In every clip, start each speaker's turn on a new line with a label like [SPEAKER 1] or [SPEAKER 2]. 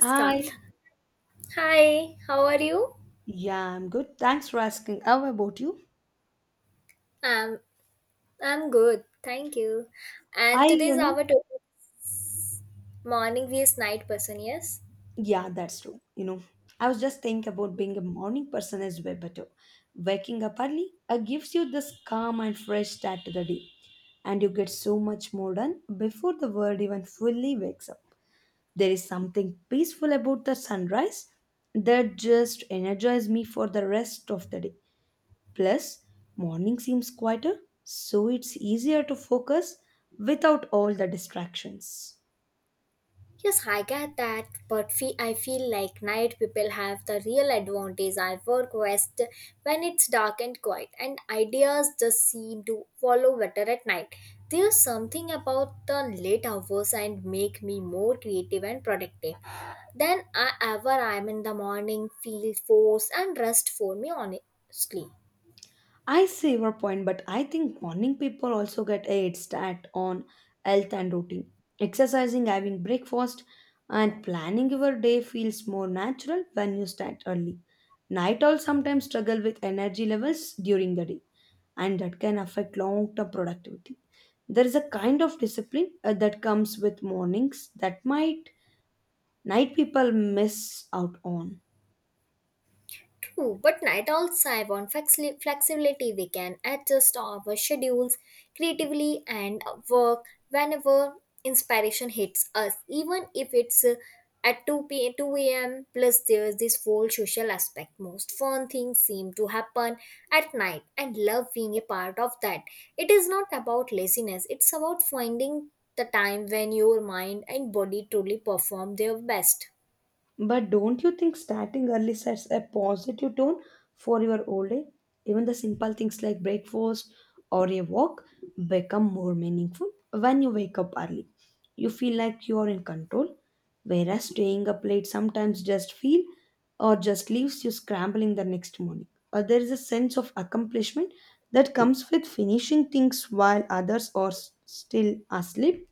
[SPEAKER 1] Start.
[SPEAKER 2] Hi.
[SPEAKER 1] Hi, how are you?
[SPEAKER 2] Yeah, I'm good. Thanks for asking. How about you?
[SPEAKER 1] Um, I'm good, thank you.
[SPEAKER 2] I,
[SPEAKER 1] And
[SPEAKER 2] you
[SPEAKER 1] today's
[SPEAKER 2] know,
[SPEAKER 1] our topic, morning vs night person, yes?
[SPEAKER 2] yeah, that's true. I was just thinking about being a morning person is way better. Waking up early gives you this calm and fresh start to the day, and you get so much more done before the world even fully wakes up. There is something peaceful about the sunrise that just energizes me for the rest of the day. Plus, morning seems quieter, so it's easier to focus without all the distractions.
[SPEAKER 1] Yes, I get that, but I feel like night people have the real advantage. I work west when it's dark and quiet, and ideas just seem to follow better at night. There's something about the late hours and make me more creative and productive than I ever am in the morning. Feel forced and rest for me honestly.
[SPEAKER 2] I see your point, but I think morning people also get a head start on health and routine. Exercising, having breakfast, and planning your day feels more natural when you start early. Night owls sometimes struggle with energy levels during the day, and that can affect long term productivity. There is a kind of discipline that comes with mornings that might night people miss out on.
[SPEAKER 1] True, but night owls thrive on flexibility. We can adjust our schedules creatively and work whenever inspiration hits us, even if it's at 2 p.m. 2 a.m. Plus, there's this whole social aspect. Most fun things seem to happen at night, and love being a part of that. It is not about laziness, it's about finding the time when your mind and body truly perform their best.
[SPEAKER 2] But don't you think starting early sets a positive tone for your old day? Even the simple things like breakfast or a walk become more meaningful when you wake up early. You feel like you are in control, whereas staying up late sometimes just feel or just leaves you scrambling the next morning. Or there is a sense of accomplishment that comes with finishing things while others are still asleep.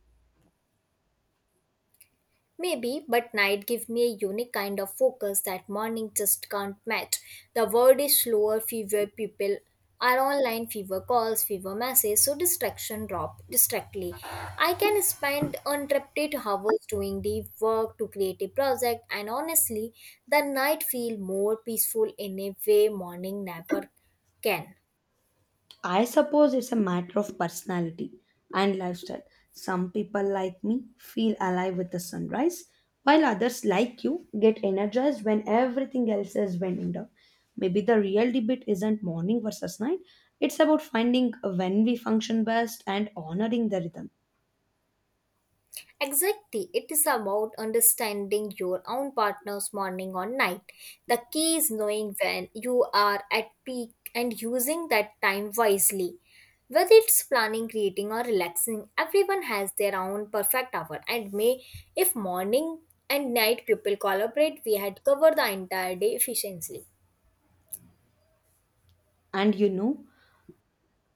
[SPEAKER 1] Maybe, but night gives me a unique kind of focus that morning just can't match. The world is slower, fewer people are online, fewer calls, fewer messages, so distraction drop distractly. I can spend uninterrupted hours doing deep work to create a project, and honestly, the night feel more peaceful in a way morning never can.
[SPEAKER 2] I suppose it's a matter of personality and lifestyle. Some people like me feel alive with the sunrise, while others like you get energized when everything else is winding down. Maybe the real debate isn't morning versus night, it's about finding when we function best and honoring the rhythm.
[SPEAKER 1] Exactly, it is about understanding your own partner's morning or night. The key is knowing when you are at peak and using that time wisely. Whether it's planning, creating, or relaxing, everyone has their own perfect hour. And may if morning and night people collaborate, we had covered the entire day efficiently.
[SPEAKER 2] And you know,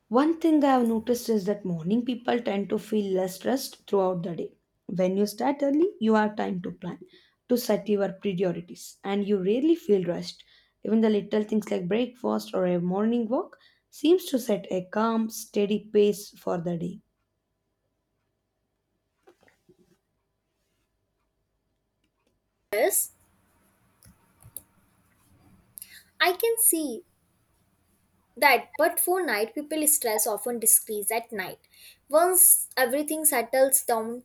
[SPEAKER 2] One thing I have noticed is that morning people tend to feel less stressed throughout the day. When you start early, you have time to plan, to set your priorities, and you rarely feel rushed. Even the little things like breakfast or a morning walk seems to set a calm, steady pace for the day.
[SPEAKER 1] Yes, I can see that, but for night people stress often decreases at night. Once everything settles down,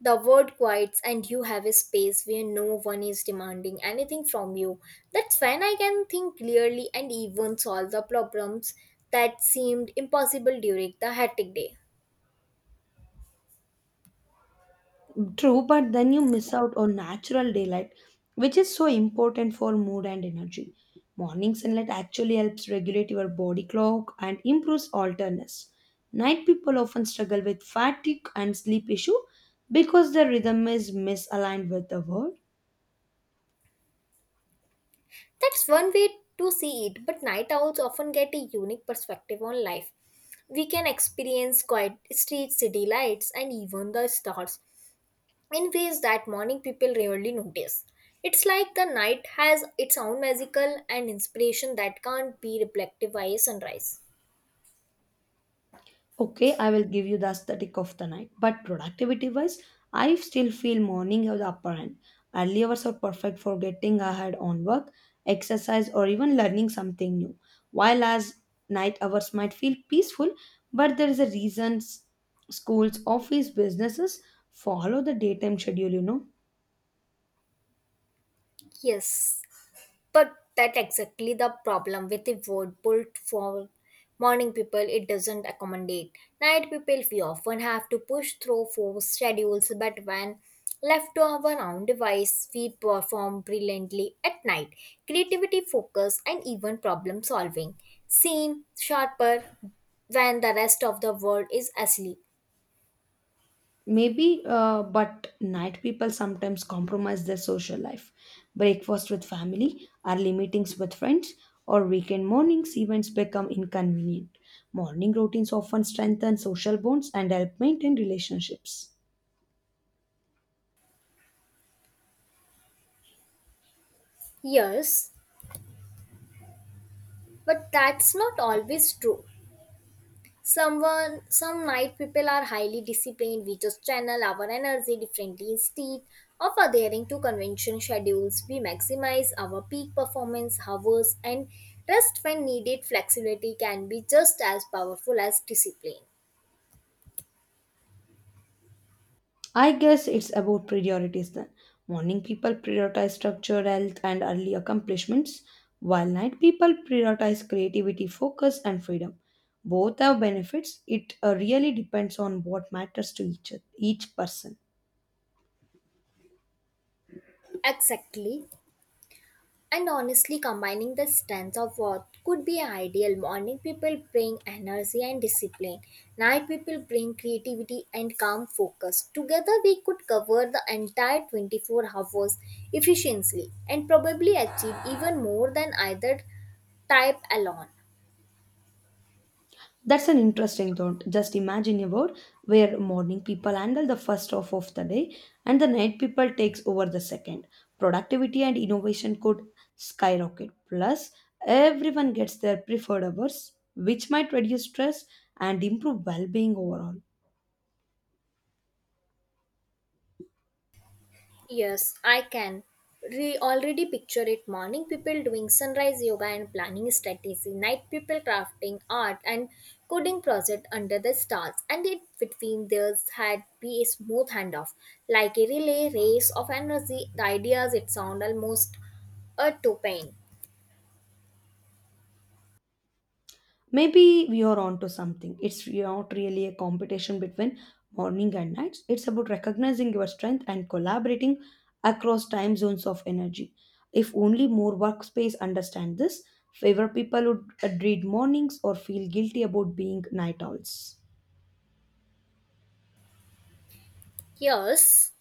[SPEAKER 1] the world quiets and you have a space where no one is demanding anything from you. That's when I can think clearly and even solve the problems that seemed impossible during the hectic day.
[SPEAKER 2] True, but then you miss out on natural daylight, which is so important for mood and energy. Morning sunlight actually helps regulate your body clock and improves alertness. Night people often struggle with fatigue and sleep issue because their rhythm is misaligned with the world.
[SPEAKER 1] That's one way to see it, but night owls often get a unique perspective on life. We can experience quiet streets, city lights, and even the stars in ways that morning people rarely notice. It's like the night has its own magical and inspiration that can't be reflected by sunrise.
[SPEAKER 2] Okay, I will give you the aesthetic of the night. But productivity wise, I still feel morning have the upper hand. Early hours are perfect for getting ahead on work, exercise, or even learning something new. While as night hours might feel peaceful, but there is a reason schools, office, businesses follow the daytime schedule, you know.
[SPEAKER 1] Yes, but that exactly the problem with the word built for morning people. It doesn't accommodate night people. We often have to push through forced schedules, but when left to our own device, we perform brilliantly at night. Creativity, focus, and even problem solving seem sharper when the rest of the world is asleep.
[SPEAKER 2] Maybe, but night people sometimes compromise their social life. Breakfast with family, early meetings with friends, or weekend mornings events become inconvenient. Morning routines often strengthen social bonds and help maintain relationships.
[SPEAKER 1] Yes, but that's not always true. Some night people are highly disciplined. We just channel our energy differently instead of adhering to convention schedules. We maximize our peak performance hours and rest when needed. Flexibility can be just as powerful as discipline.
[SPEAKER 2] I guess it's about priorities then. Morning people prioritize structure, health, and early accomplishments, while night people prioritize creativity, focus, and freedom. Both have benefits. It really depends on what matters to each person.
[SPEAKER 1] Exactly. And honestly, combining the strengths of what could be ideal. Morning people bring energy and discipline. Night people bring creativity and calm focus. Together, we could cover the entire 24 hours efficiently and probably achieve even more than either type alone.
[SPEAKER 2] That's an interesting thought. Just imagine a world where morning people handle the first half of the day and the night people takes over the second. Productivity and innovation could skyrocket. Plus, everyone gets their preferred hours, which might reduce stress and improve well-being overall.
[SPEAKER 1] Yes, I can. Already picture it morning people doing sunrise yoga and planning strategy, night people crafting art and coding project under the stars, and it between theirs had be a smooth handoff, like a relay race of energy, the ideas it sound almost a topane.
[SPEAKER 2] Maybe we are onto something. It's not really a competition between morning and nights. It's about recognizing your strength and collaborating across time zones of energy. If only more workspace understand this, favor people would read mornings or feel guilty about being night owls.
[SPEAKER 1] Yes,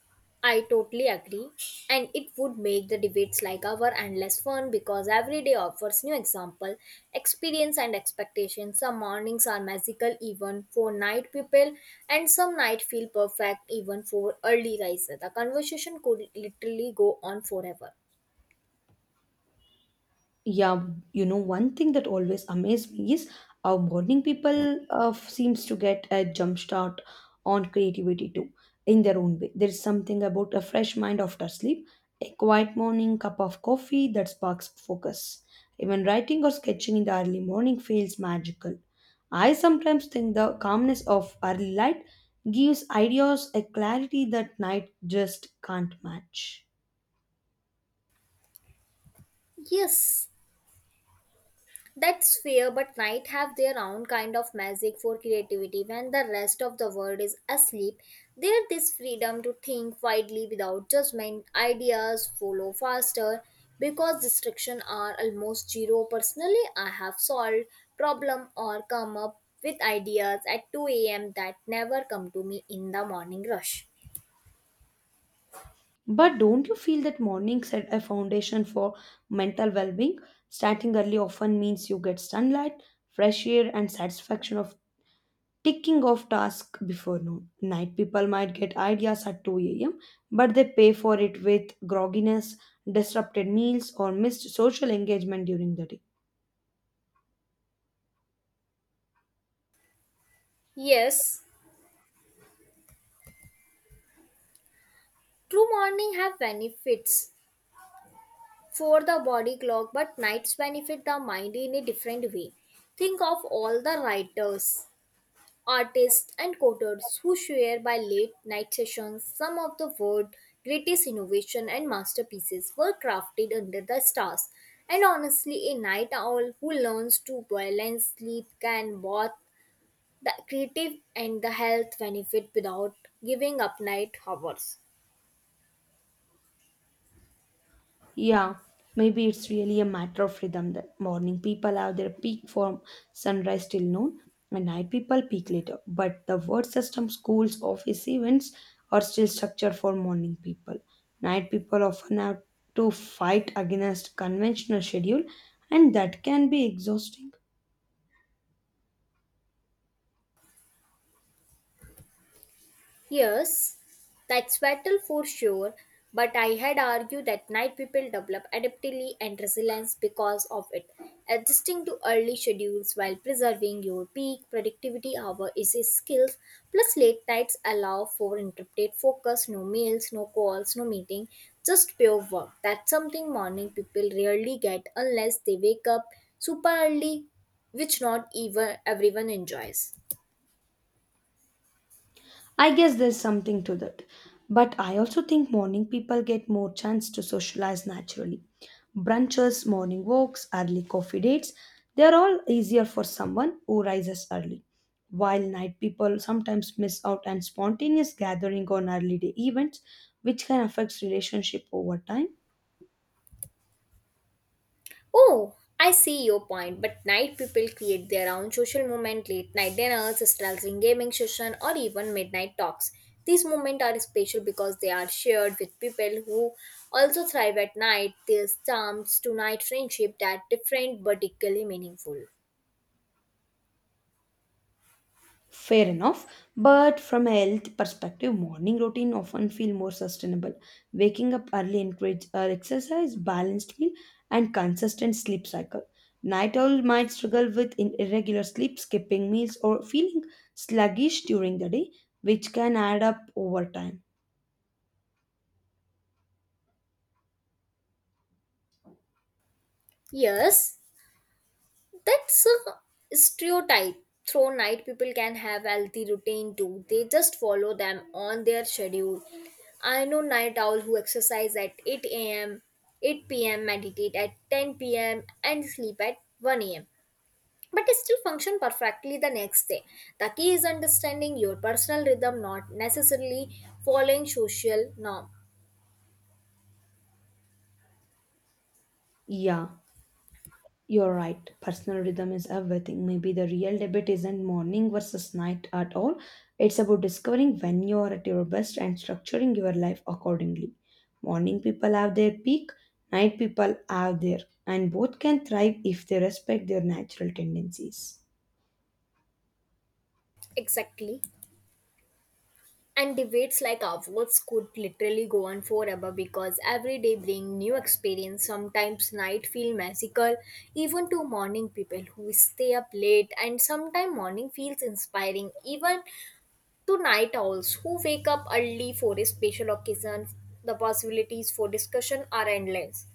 [SPEAKER 1] I totally agree. And it would make the debates like our endless fun because every day offers new example, experience and expectations. Some mornings are magical even for night people and some night feel perfect even for early riser. The conversation could literally go on forever.
[SPEAKER 2] Yeah, you know, one thing that always amazed me is how morning people seems to get a jump start on creativity too, in their own way. There's something about a fresh mind after sleep, a quiet morning cup of coffee that sparks focus. Even writing or sketching in the early morning feels magical. I sometimes think the calmness of early light gives ideas a clarity that night just can't match.
[SPEAKER 1] Yes, that's fair, but night have their own kind of magic for creativity when the rest of the world is asleep. There this freedom to think widely without judgment, ideas follow faster because distractions are almost zero. Personally, I have solved problem or come up with ideas at 2 a.m. that never come to me in the morning rush.
[SPEAKER 2] But don't you feel that morning set a foundation for mental well being? Starting early often means you get sunlight, fresh air, and satisfaction of ticking off tasks before noon. Night people might get ideas at 2 a.m., but they pay for it with grogginess, disrupted meals, or missed social engagement during the day.
[SPEAKER 1] Yes, true morning have benefits for the body clock, but nights benefit the mind in a different way. Think of all the writers, artists, and coders who share by late night sessions some of the world's greatest innovation and masterpieces were crafted under the stars. And honestly, a night owl who learns to balance sleep can both the creative and the health benefit without giving up night hours.
[SPEAKER 2] Yeah, maybe it's really a matter of rhythm. The morning people have their peak from sunrise till noon, and night people peak later. But the word system, schools, office events are still structured for morning people. Night people often have to fight against conventional schedule, and that can be exhausting.
[SPEAKER 1] Yes, that's battle for sure, but I had argued that night people develop adaptability and resilience because of it. Adjusting to early schedules while preserving your peak productivity hour is a skill, plus late nights allow for interrupted focus, no meals, no calls, no meeting, just pure work. That's something morning people rarely get unless they wake up super early, which not even everyone enjoys.
[SPEAKER 2] I guess there's something to that. But I also think morning people get more chance to socialize naturally. Brunches, morning walks, early coffee dates, they're all easier for someone who rises early. While night people sometimes miss out on spontaneous gathering on early day events, which can affect relationship over time.
[SPEAKER 1] Oh, I see your point, but night people create their own social movement, late night dinners, straddling gaming session, or even midnight talks. These moments are special because they are shared with people who also thrive at night. This terms to night friendship that different but equally meaningful.
[SPEAKER 2] Fair enough, but from a health perspective, morning routine often feel more sustainable. Waking up early encourage exercise, balanced meal, and consistent sleep cycle. Night owl might struggle with irregular sleep, skipping meals, or feeling sluggish during the day, which can add up over time.
[SPEAKER 1] Yes, that's a stereotype through night people can have healthy routine too, they just follow them on their schedule. I know night owl who exercise at 8 a.m, 8 p.m, meditate at 10 p.m, and sleep at 1 a.m, but they still function perfectly the next day. The key is understanding your personal rhythm, not necessarily following social norm.
[SPEAKER 2] Yeah. You're right. Personal rhythm is everything. Maybe the real debate isn't morning versus night at all. It's about discovering when you're at your best and structuring your life accordingly. Morning people have their peak, night people have their, and both can thrive if they respect their natural tendencies.
[SPEAKER 1] Exactly. And debates like ours could literally go on forever because every day bring new experience. Sometimes night feel magical, even to morning people who stay up late, and sometimes morning feels inspiring, even to night owls who wake up early for a special occasion. The possibilities for discussion are endless.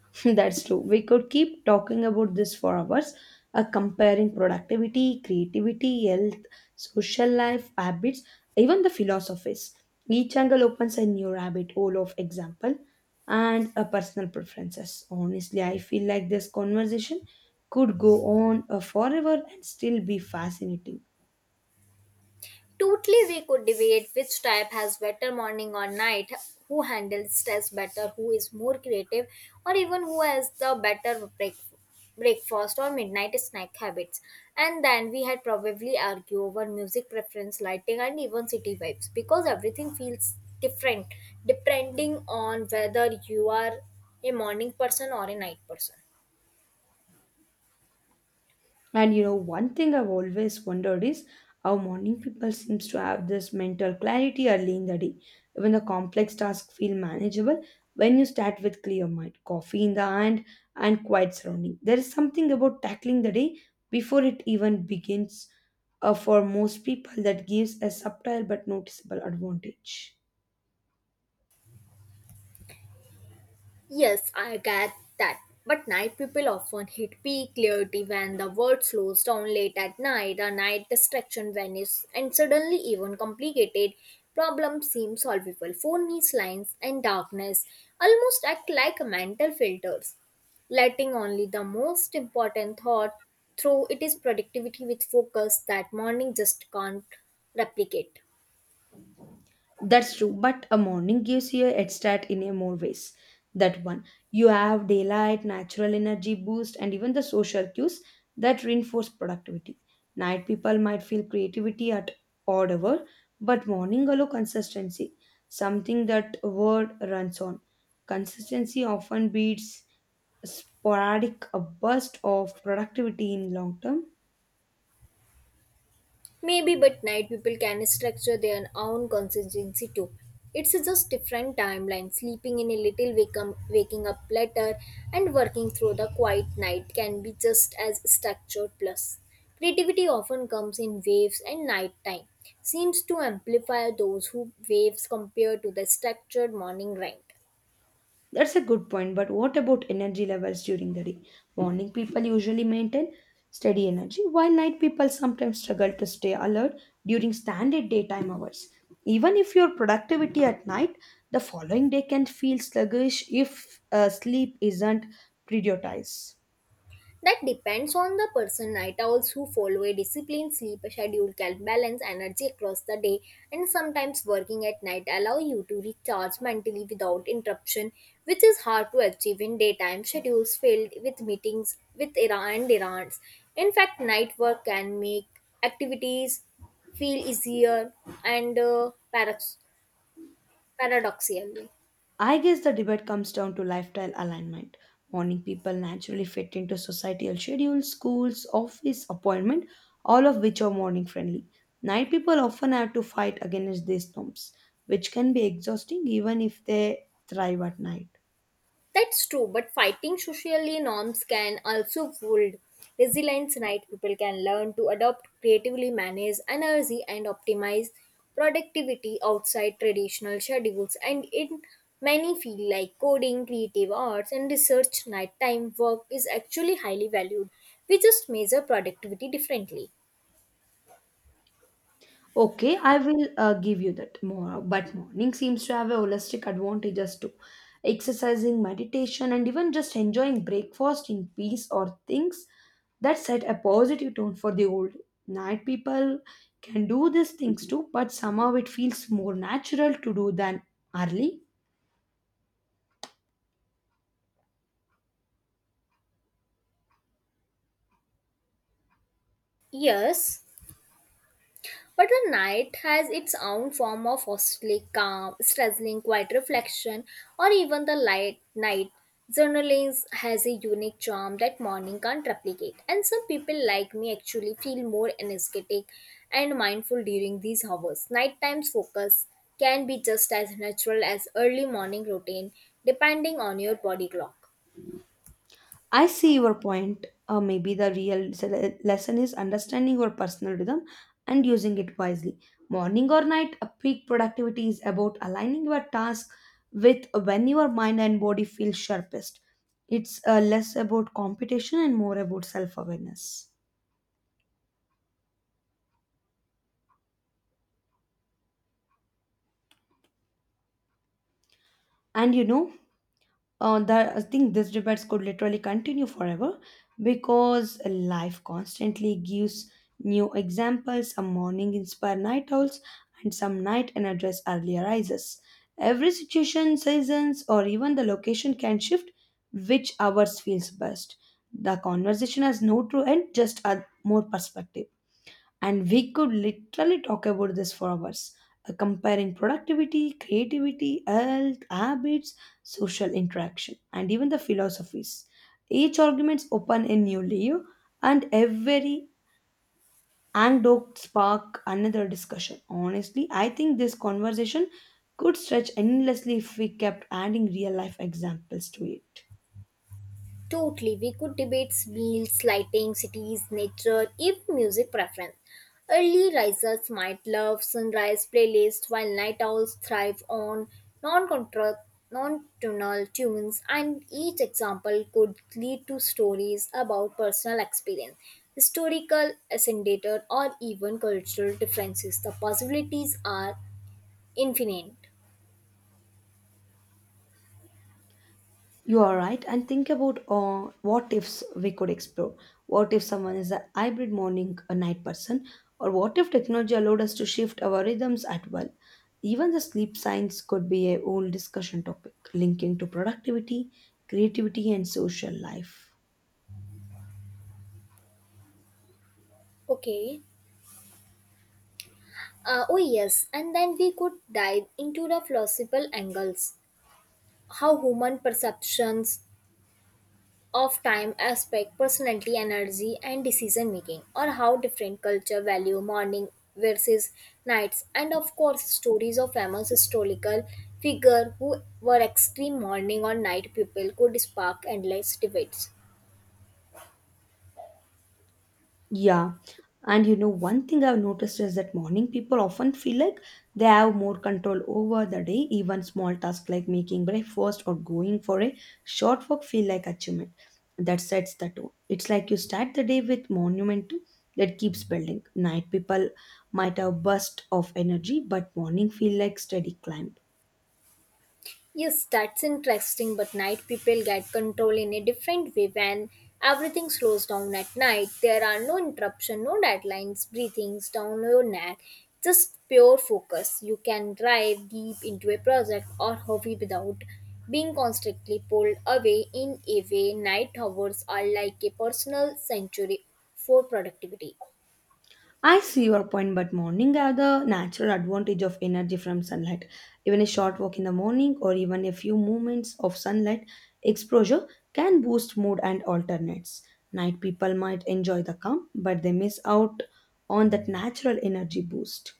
[SPEAKER 2] That's true. We could keep talking about this for hours, comparing productivity, creativity, health, social life, habits, even the philosophies. Each angle opens a new rabbit hole of example and personal preferences. Honestly, I feel like this conversation could go on forever and still be fascinating.
[SPEAKER 1] Totally, we could debate which type has better morning or night, who handles stress better, who is more creative, or even who has the better breakfast or midnight snack habits. And then we had probably argue over music preference, lighting, and even city vibes because everything feels different depending on whether you are a morning person or a night person.
[SPEAKER 2] And you know, one thing I've always wondered is how morning people seems to have this mental clarity early in the day. Even the complex tasks feel manageable when you start with clear mind, coffee in the hand, and quiet surrounding. There is something about tackling the day before it even begins for most people that gives a subtle but noticeable advantage.
[SPEAKER 1] Yes, I get that. But night people often hit peak clarity when the world slows down late at night, the night distraction vanishes, and suddenly even complicated problems seem solvable. Phone needs lines and darkness almost act like mental filters, letting only the most important thought through. It is productivity with focus that morning just can't replicate.
[SPEAKER 2] That's true, but a morning gives you a head start in a more ways. That one, you have daylight, natural energy boost, and even the social cues that reinforce productivity. Night people might feel creativity at odd hour, but morning allow consistency, something that word runs on. Consistency often beats sporadic a burst of productivity in long term.
[SPEAKER 1] Maybe, but night people can structure their own consistency too. It's just different timeline. Sleeping in a little, wake up, waking up later, and working through the quiet night can be just as structured. Plus, creativity often comes in waves, and nighttime seems to amplify those who waves compared to the structured morning grind.
[SPEAKER 2] That's a good point, but what about energy levels during the day? Morning people usually maintain steady energy, while night people sometimes struggle to stay alert during standard daytime hours. Even if your productivity at night, the following day can feel sluggish if sleep isn't prioritized.
[SPEAKER 1] That depends on the person. Night owls who follow a disciplined sleep schedule can balance energy across the day, and sometimes working at night allow you to recharge mentally without interruption, which is hard to achieve in daytime schedules filled with meetings with era and errands. In fact, night work can make activities feel easier and paradoxical.
[SPEAKER 2] I guess the debate comes down to lifestyle alignment. Morning people naturally fit into societal schedules, schools, office, appointment, all of which are morning friendly. Night people often have to fight against these norms, which can be exhausting even if they thrive at night.
[SPEAKER 1] That's true, but fighting socially norms can also build resilience, right? People can learn to adopt creatively, manage energy, and optimize productivity outside traditional schedules. And in many fields like coding, creative arts, and research, nighttime work is actually highly valued. We just measure productivity differently.
[SPEAKER 2] Okay, I will give you that more, but morning seems to have a holistic advantages too. Exercising, meditation, and even just enjoying breakfast in peace or things that set a positive tone for the old. Night people can do these things too, but somehow it feels more natural to do than early.
[SPEAKER 1] Yes, but the night has its own form of hostly calm, dazzling quiet reflection, or even the light night. Journaling has a unique charm that morning can't replicate, and some people like me actually feel more energetic and mindful during these hours. Nighttime focus can be just as natural as early morning routine, depending on your body clock.
[SPEAKER 2] I see your point. Maybe the real lesson is understanding your personal rhythm and using it wisely. Morning or night, a peak productivity is about aligning your task with when your mind and body feel sharpest. It's less about competition and more about self awareness. And you know, that I think this debates could literally continue forever because life constantly gives new examples. A morning inspire night owls, and some night energize early rises. Every situation, seasons, or even the location can shift which hours feels best. The conversation has no true end, just a more perspective. And we could literally talk about this for hours, comparing productivity, creativity, health, habits, social interaction, and even the philosophies. Each argument's open a new layer, and every anecdote spark another discussion. Honestly, I think this conversation could stretch endlessly if we kept adding real life examples to it.
[SPEAKER 1] Totally. We could debate meals, lighting, cities, nature, even music preference. Early risers might love sunrise playlists while night owls thrive on non-tonal tunes and each example could lead to stories about personal experience, historical ascendator or even cultural differences. The possibilities are infinite.
[SPEAKER 2] You are right. And think about what ifs we could explore. What if someone is a hybrid morning or night person? Or what if technology allowed us to shift our rhythms at will? Even the sleep science could be a whole discussion topic linking to productivity, creativity, and social life.
[SPEAKER 1] Okay. Oh yes, and then we could dive into the philosophical angles. How human perceptions of time aspect personality energy and decision making, or how different culture value morning versus nights, and of course stories of famous historical figure who were extreme morning or night people could spark endless debates.
[SPEAKER 2] Yeah. And you know, one thing I've noticed is that morning people often feel like they have more control over the day. Even small tasks like making breakfast or going for a short walk feel like achievement. That sets the tone. It's like you start the day with momentum that keeps building. Night people might have burst of energy, but morning feel like steady climb.
[SPEAKER 1] Yes, that's interesting, but night people get control in a different way when everything slows down at night. There are no interruption, no deadlines, breathings down your neck, just pure focus. You can dive deep into a project or hobby without being constantly pulled away in a way. Night hours are like a personal sanctuary for productivity.
[SPEAKER 2] I see your point, but morning have the natural advantage of energy from sunlight. Even a short walk in the morning or even a few moments of sunlight exposure can boost mood and alternates. Night people might enjoy the calm, but they miss out on that natural energy boost.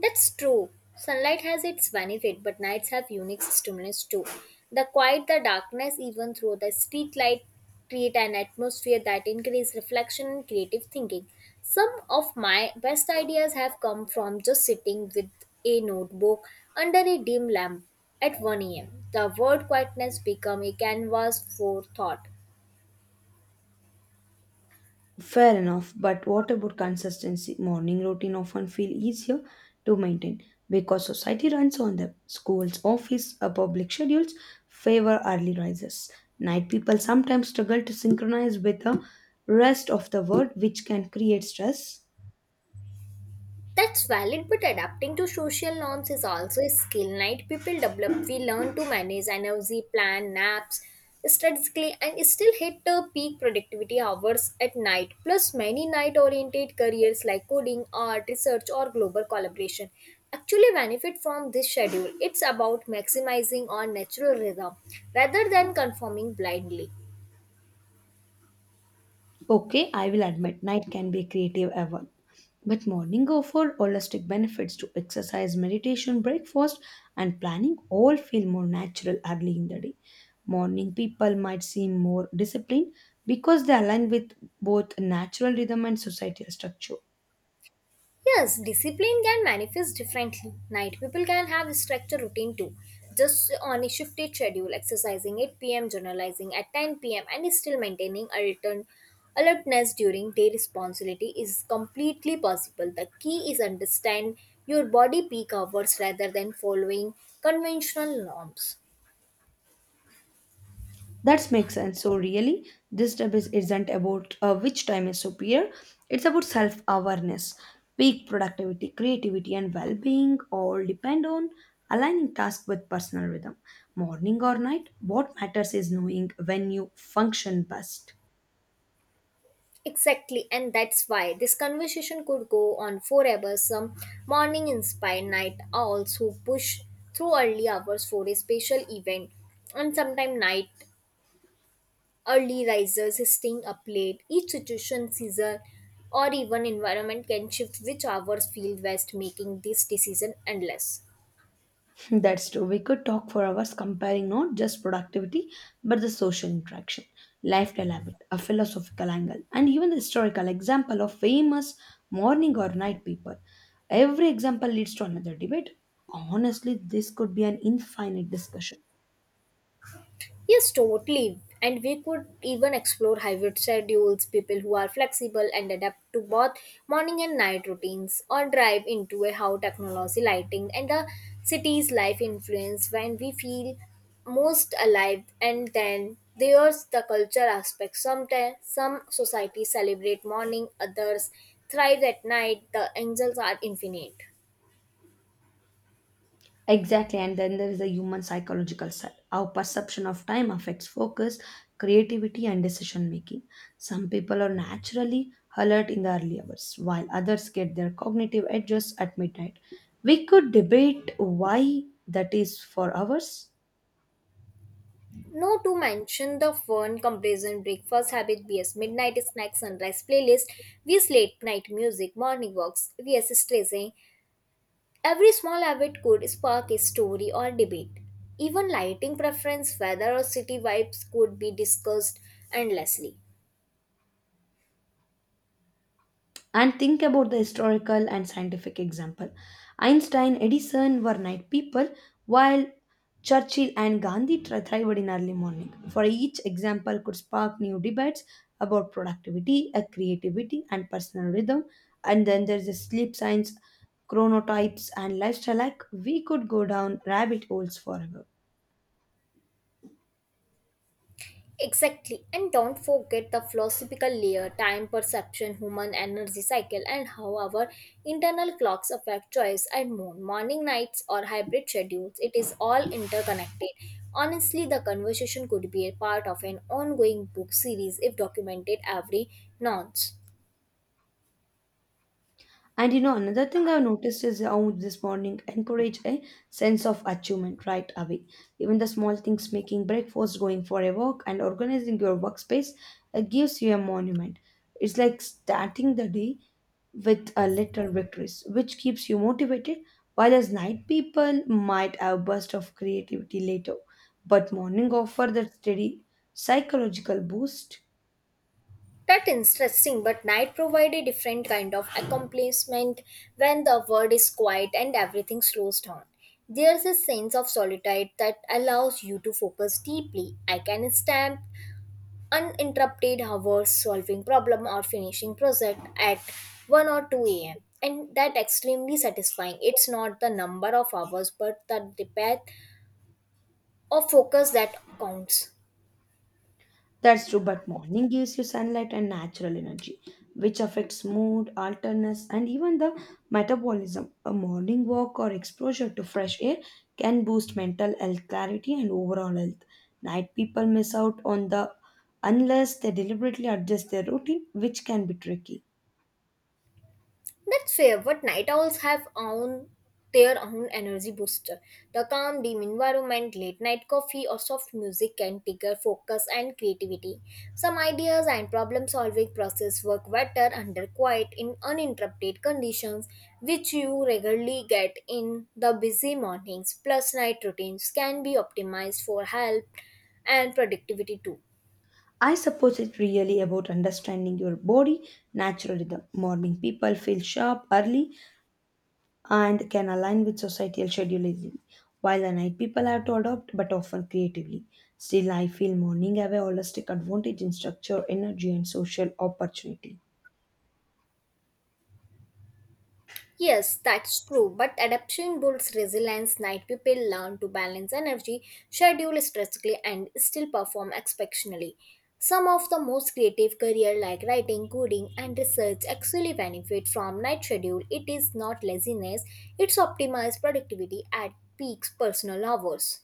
[SPEAKER 1] That's true. Sunlight has its benefit, but nights have unique stimulus too. The quiet, the darkness, even through the street light, create an atmosphere that encourages reflection and creative thinking. Some of my best ideas have come from just sitting with a notebook under a dim lamp at 1 a.m. The word quietness become a canvas for thought.
[SPEAKER 2] Fair enough, but what about consistency? Morning routine often feel easier to maintain because society runs on them. Schools, office, public schedules favor early rises. Night people sometimes struggle to synchronize with the rest of the world, which can create stress.
[SPEAKER 1] That's valid, but adapting to social norms is also a skill. Night people develop. We learn to manage energy, plan naps strategically, and still hit the peak productivity hours at night. Plus, many night-oriented careers like coding, art, research, or global collaboration actually benefit from this schedule. It's about maximizing our natural rhythm rather than conforming blindly.
[SPEAKER 2] Okay, I will admit night can be a creative hour, but morning offer holistic benefits to exercise, meditation, breakfast, and planning all feel more natural early in the day. Morning people might seem more disciplined because they align with both natural rhythm and societal structure.
[SPEAKER 1] Yes, discipline can manifest differently. Night people can have a structured routine too. Just on a shifted schedule, exercising 8 p.m., journalizing at 10 p.m., and still maintaining alertness during day responsibility is completely possible. The key is understand your body peak hours rather than following conventional norms.
[SPEAKER 2] That makes sense. So, really, this debate isn't about which time is superior, it's about self awareness. Peak productivity, creativity, and well being all depend on aligning tasks with personal rhythm. Morning or night, what matters is knowing when you function best.
[SPEAKER 1] Exactly, and that's why this conversation could go on forever. Some morning inspired night owls who push through early hours for a special event, and sometimes night early risers staying up late. Each situation, season, or even environment can shift which hours feel best, making this decision endless.
[SPEAKER 2] That's true. We could talk for hours comparing not just productivity, but the social interaction, lifestyle habit, a philosophical angle, and even the historical example of famous morning or night people. Every example leads to another debate. Honestly, this could be an infinite discussion.
[SPEAKER 1] Yes, totally. And we could even explore hybrid schedules, people who are flexible and adapt to both morning and night routines, or drive into a how technology, lighting, and the city's life influence when we feel most alive. And then there's the culture aspect. Sometimes some societies celebrate morning, others thrive at night. The angels are infinite.
[SPEAKER 2] Exactly, and then there is the human psychological side. Our perception of time affects focus, creativity, and decision making. Some people are naturally alert in the early hours, while others get their cognitive edges at midnight. We could debate why that is for hours.
[SPEAKER 1] No to mention the fun, complacent breakfast habit vs midnight snack, sunrise playlist vs late night music, morning walks vs stressing. Every small habit could spark a story or debate. Even lighting preference, weather or city vibes could be discussed endlessly.
[SPEAKER 2] And think about the historical and scientific example. Einstein, Edison were night people, while Churchill and Gandhi thrived in early morning. For each example could spark new debates about productivity, creativity, and personal rhythm. And then there's the sleep science, chronotypes, and lifestyle. Like we could go down rabbit holes forever.
[SPEAKER 1] Exactly. And don't forget the philosophical layer, time perception, human energy cycle, and how our internal clocks affect choice and mood, morning nights, or hybrid schedules. It is all interconnected. Honestly, the conversation could be a part of an ongoing book series if documented every nonce.
[SPEAKER 2] And you know, another thing I've noticed is how this morning encourage a sense of achievement right away. Even the small things, making breakfast, going for a walk, and organizing your workspace, gives you a monument. It's like starting the day with a little victories, which keeps you motivated. While as night people might have a burst of creativity later, but morning offer that steady psychological boost.
[SPEAKER 1] That's interesting, but night provide a different kind of accomplishment when the world is quiet and everything slows down. There's a sense of solitude that allows you to focus deeply. I can stamp uninterrupted hours solving problem or finishing project at 1 or 2 a.m. And that extremely satisfying. It's not the number of hours but the depth of focus that counts.
[SPEAKER 2] That's true, but morning gives you sunlight and natural energy, which affects mood, alertness, and even the metabolism. A morning walk or exposure to fresh air can boost mental health clarity and overall health. Night people miss out on the unless they deliberately adjust their routine, which can be tricky.
[SPEAKER 1] That's fair, but night owls have own their own energy booster. The calm, dim environment, late night coffee, or soft music can trigger focus and creativity. Some ideas and problem solving process work better under quiet in uninterrupted conditions, which you regularly get in the busy mornings. Plus, night routines can be optimized for health and productivity too.
[SPEAKER 2] I suppose it's really about understanding your body natural rhythm. Morning people feel sharp early and can align with societal scheduling. While the night people have to adopt, but often creatively. Still, I feel morning have a holistic advantage in structure, energy, and social opportunity.
[SPEAKER 1] Yes, that's true. But adaptation builds resilience. Night people learn to balance energy, schedule strategically, and still perform exceptionally. Some of the most creative careers, like writing, coding, and research actually benefit from night schedule. It is not laziness; it's optimized productivity at peak personal hours.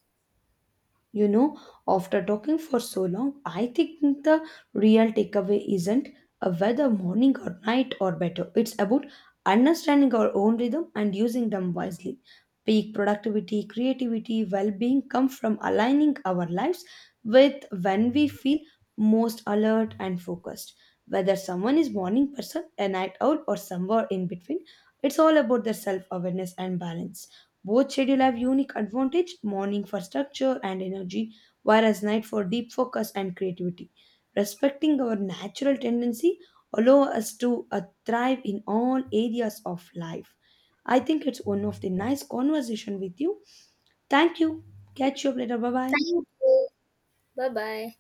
[SPEAKER 2] You know, after talking for so long, I think the real takeaway isn't whether morning or night or better. It's about understanding our own rhythm and using them wisely. Peak productivity, creativity, well being come from aligning our lives with when we feel most alert and focused. Whether someone is morning person, a night owl, or somewhere in between, it's all about their self awareness and balance. Both schedule have unique advantage, morning for structure and energy, whereas night for deep focus and creativity. Respecting our natural tendency allow us to thrive in all areas of life. I think it's one of the nice conversation with you. Thank you. Catch you up later. Bye bye.
[SPEAKER 1] Thank you. Bye bye.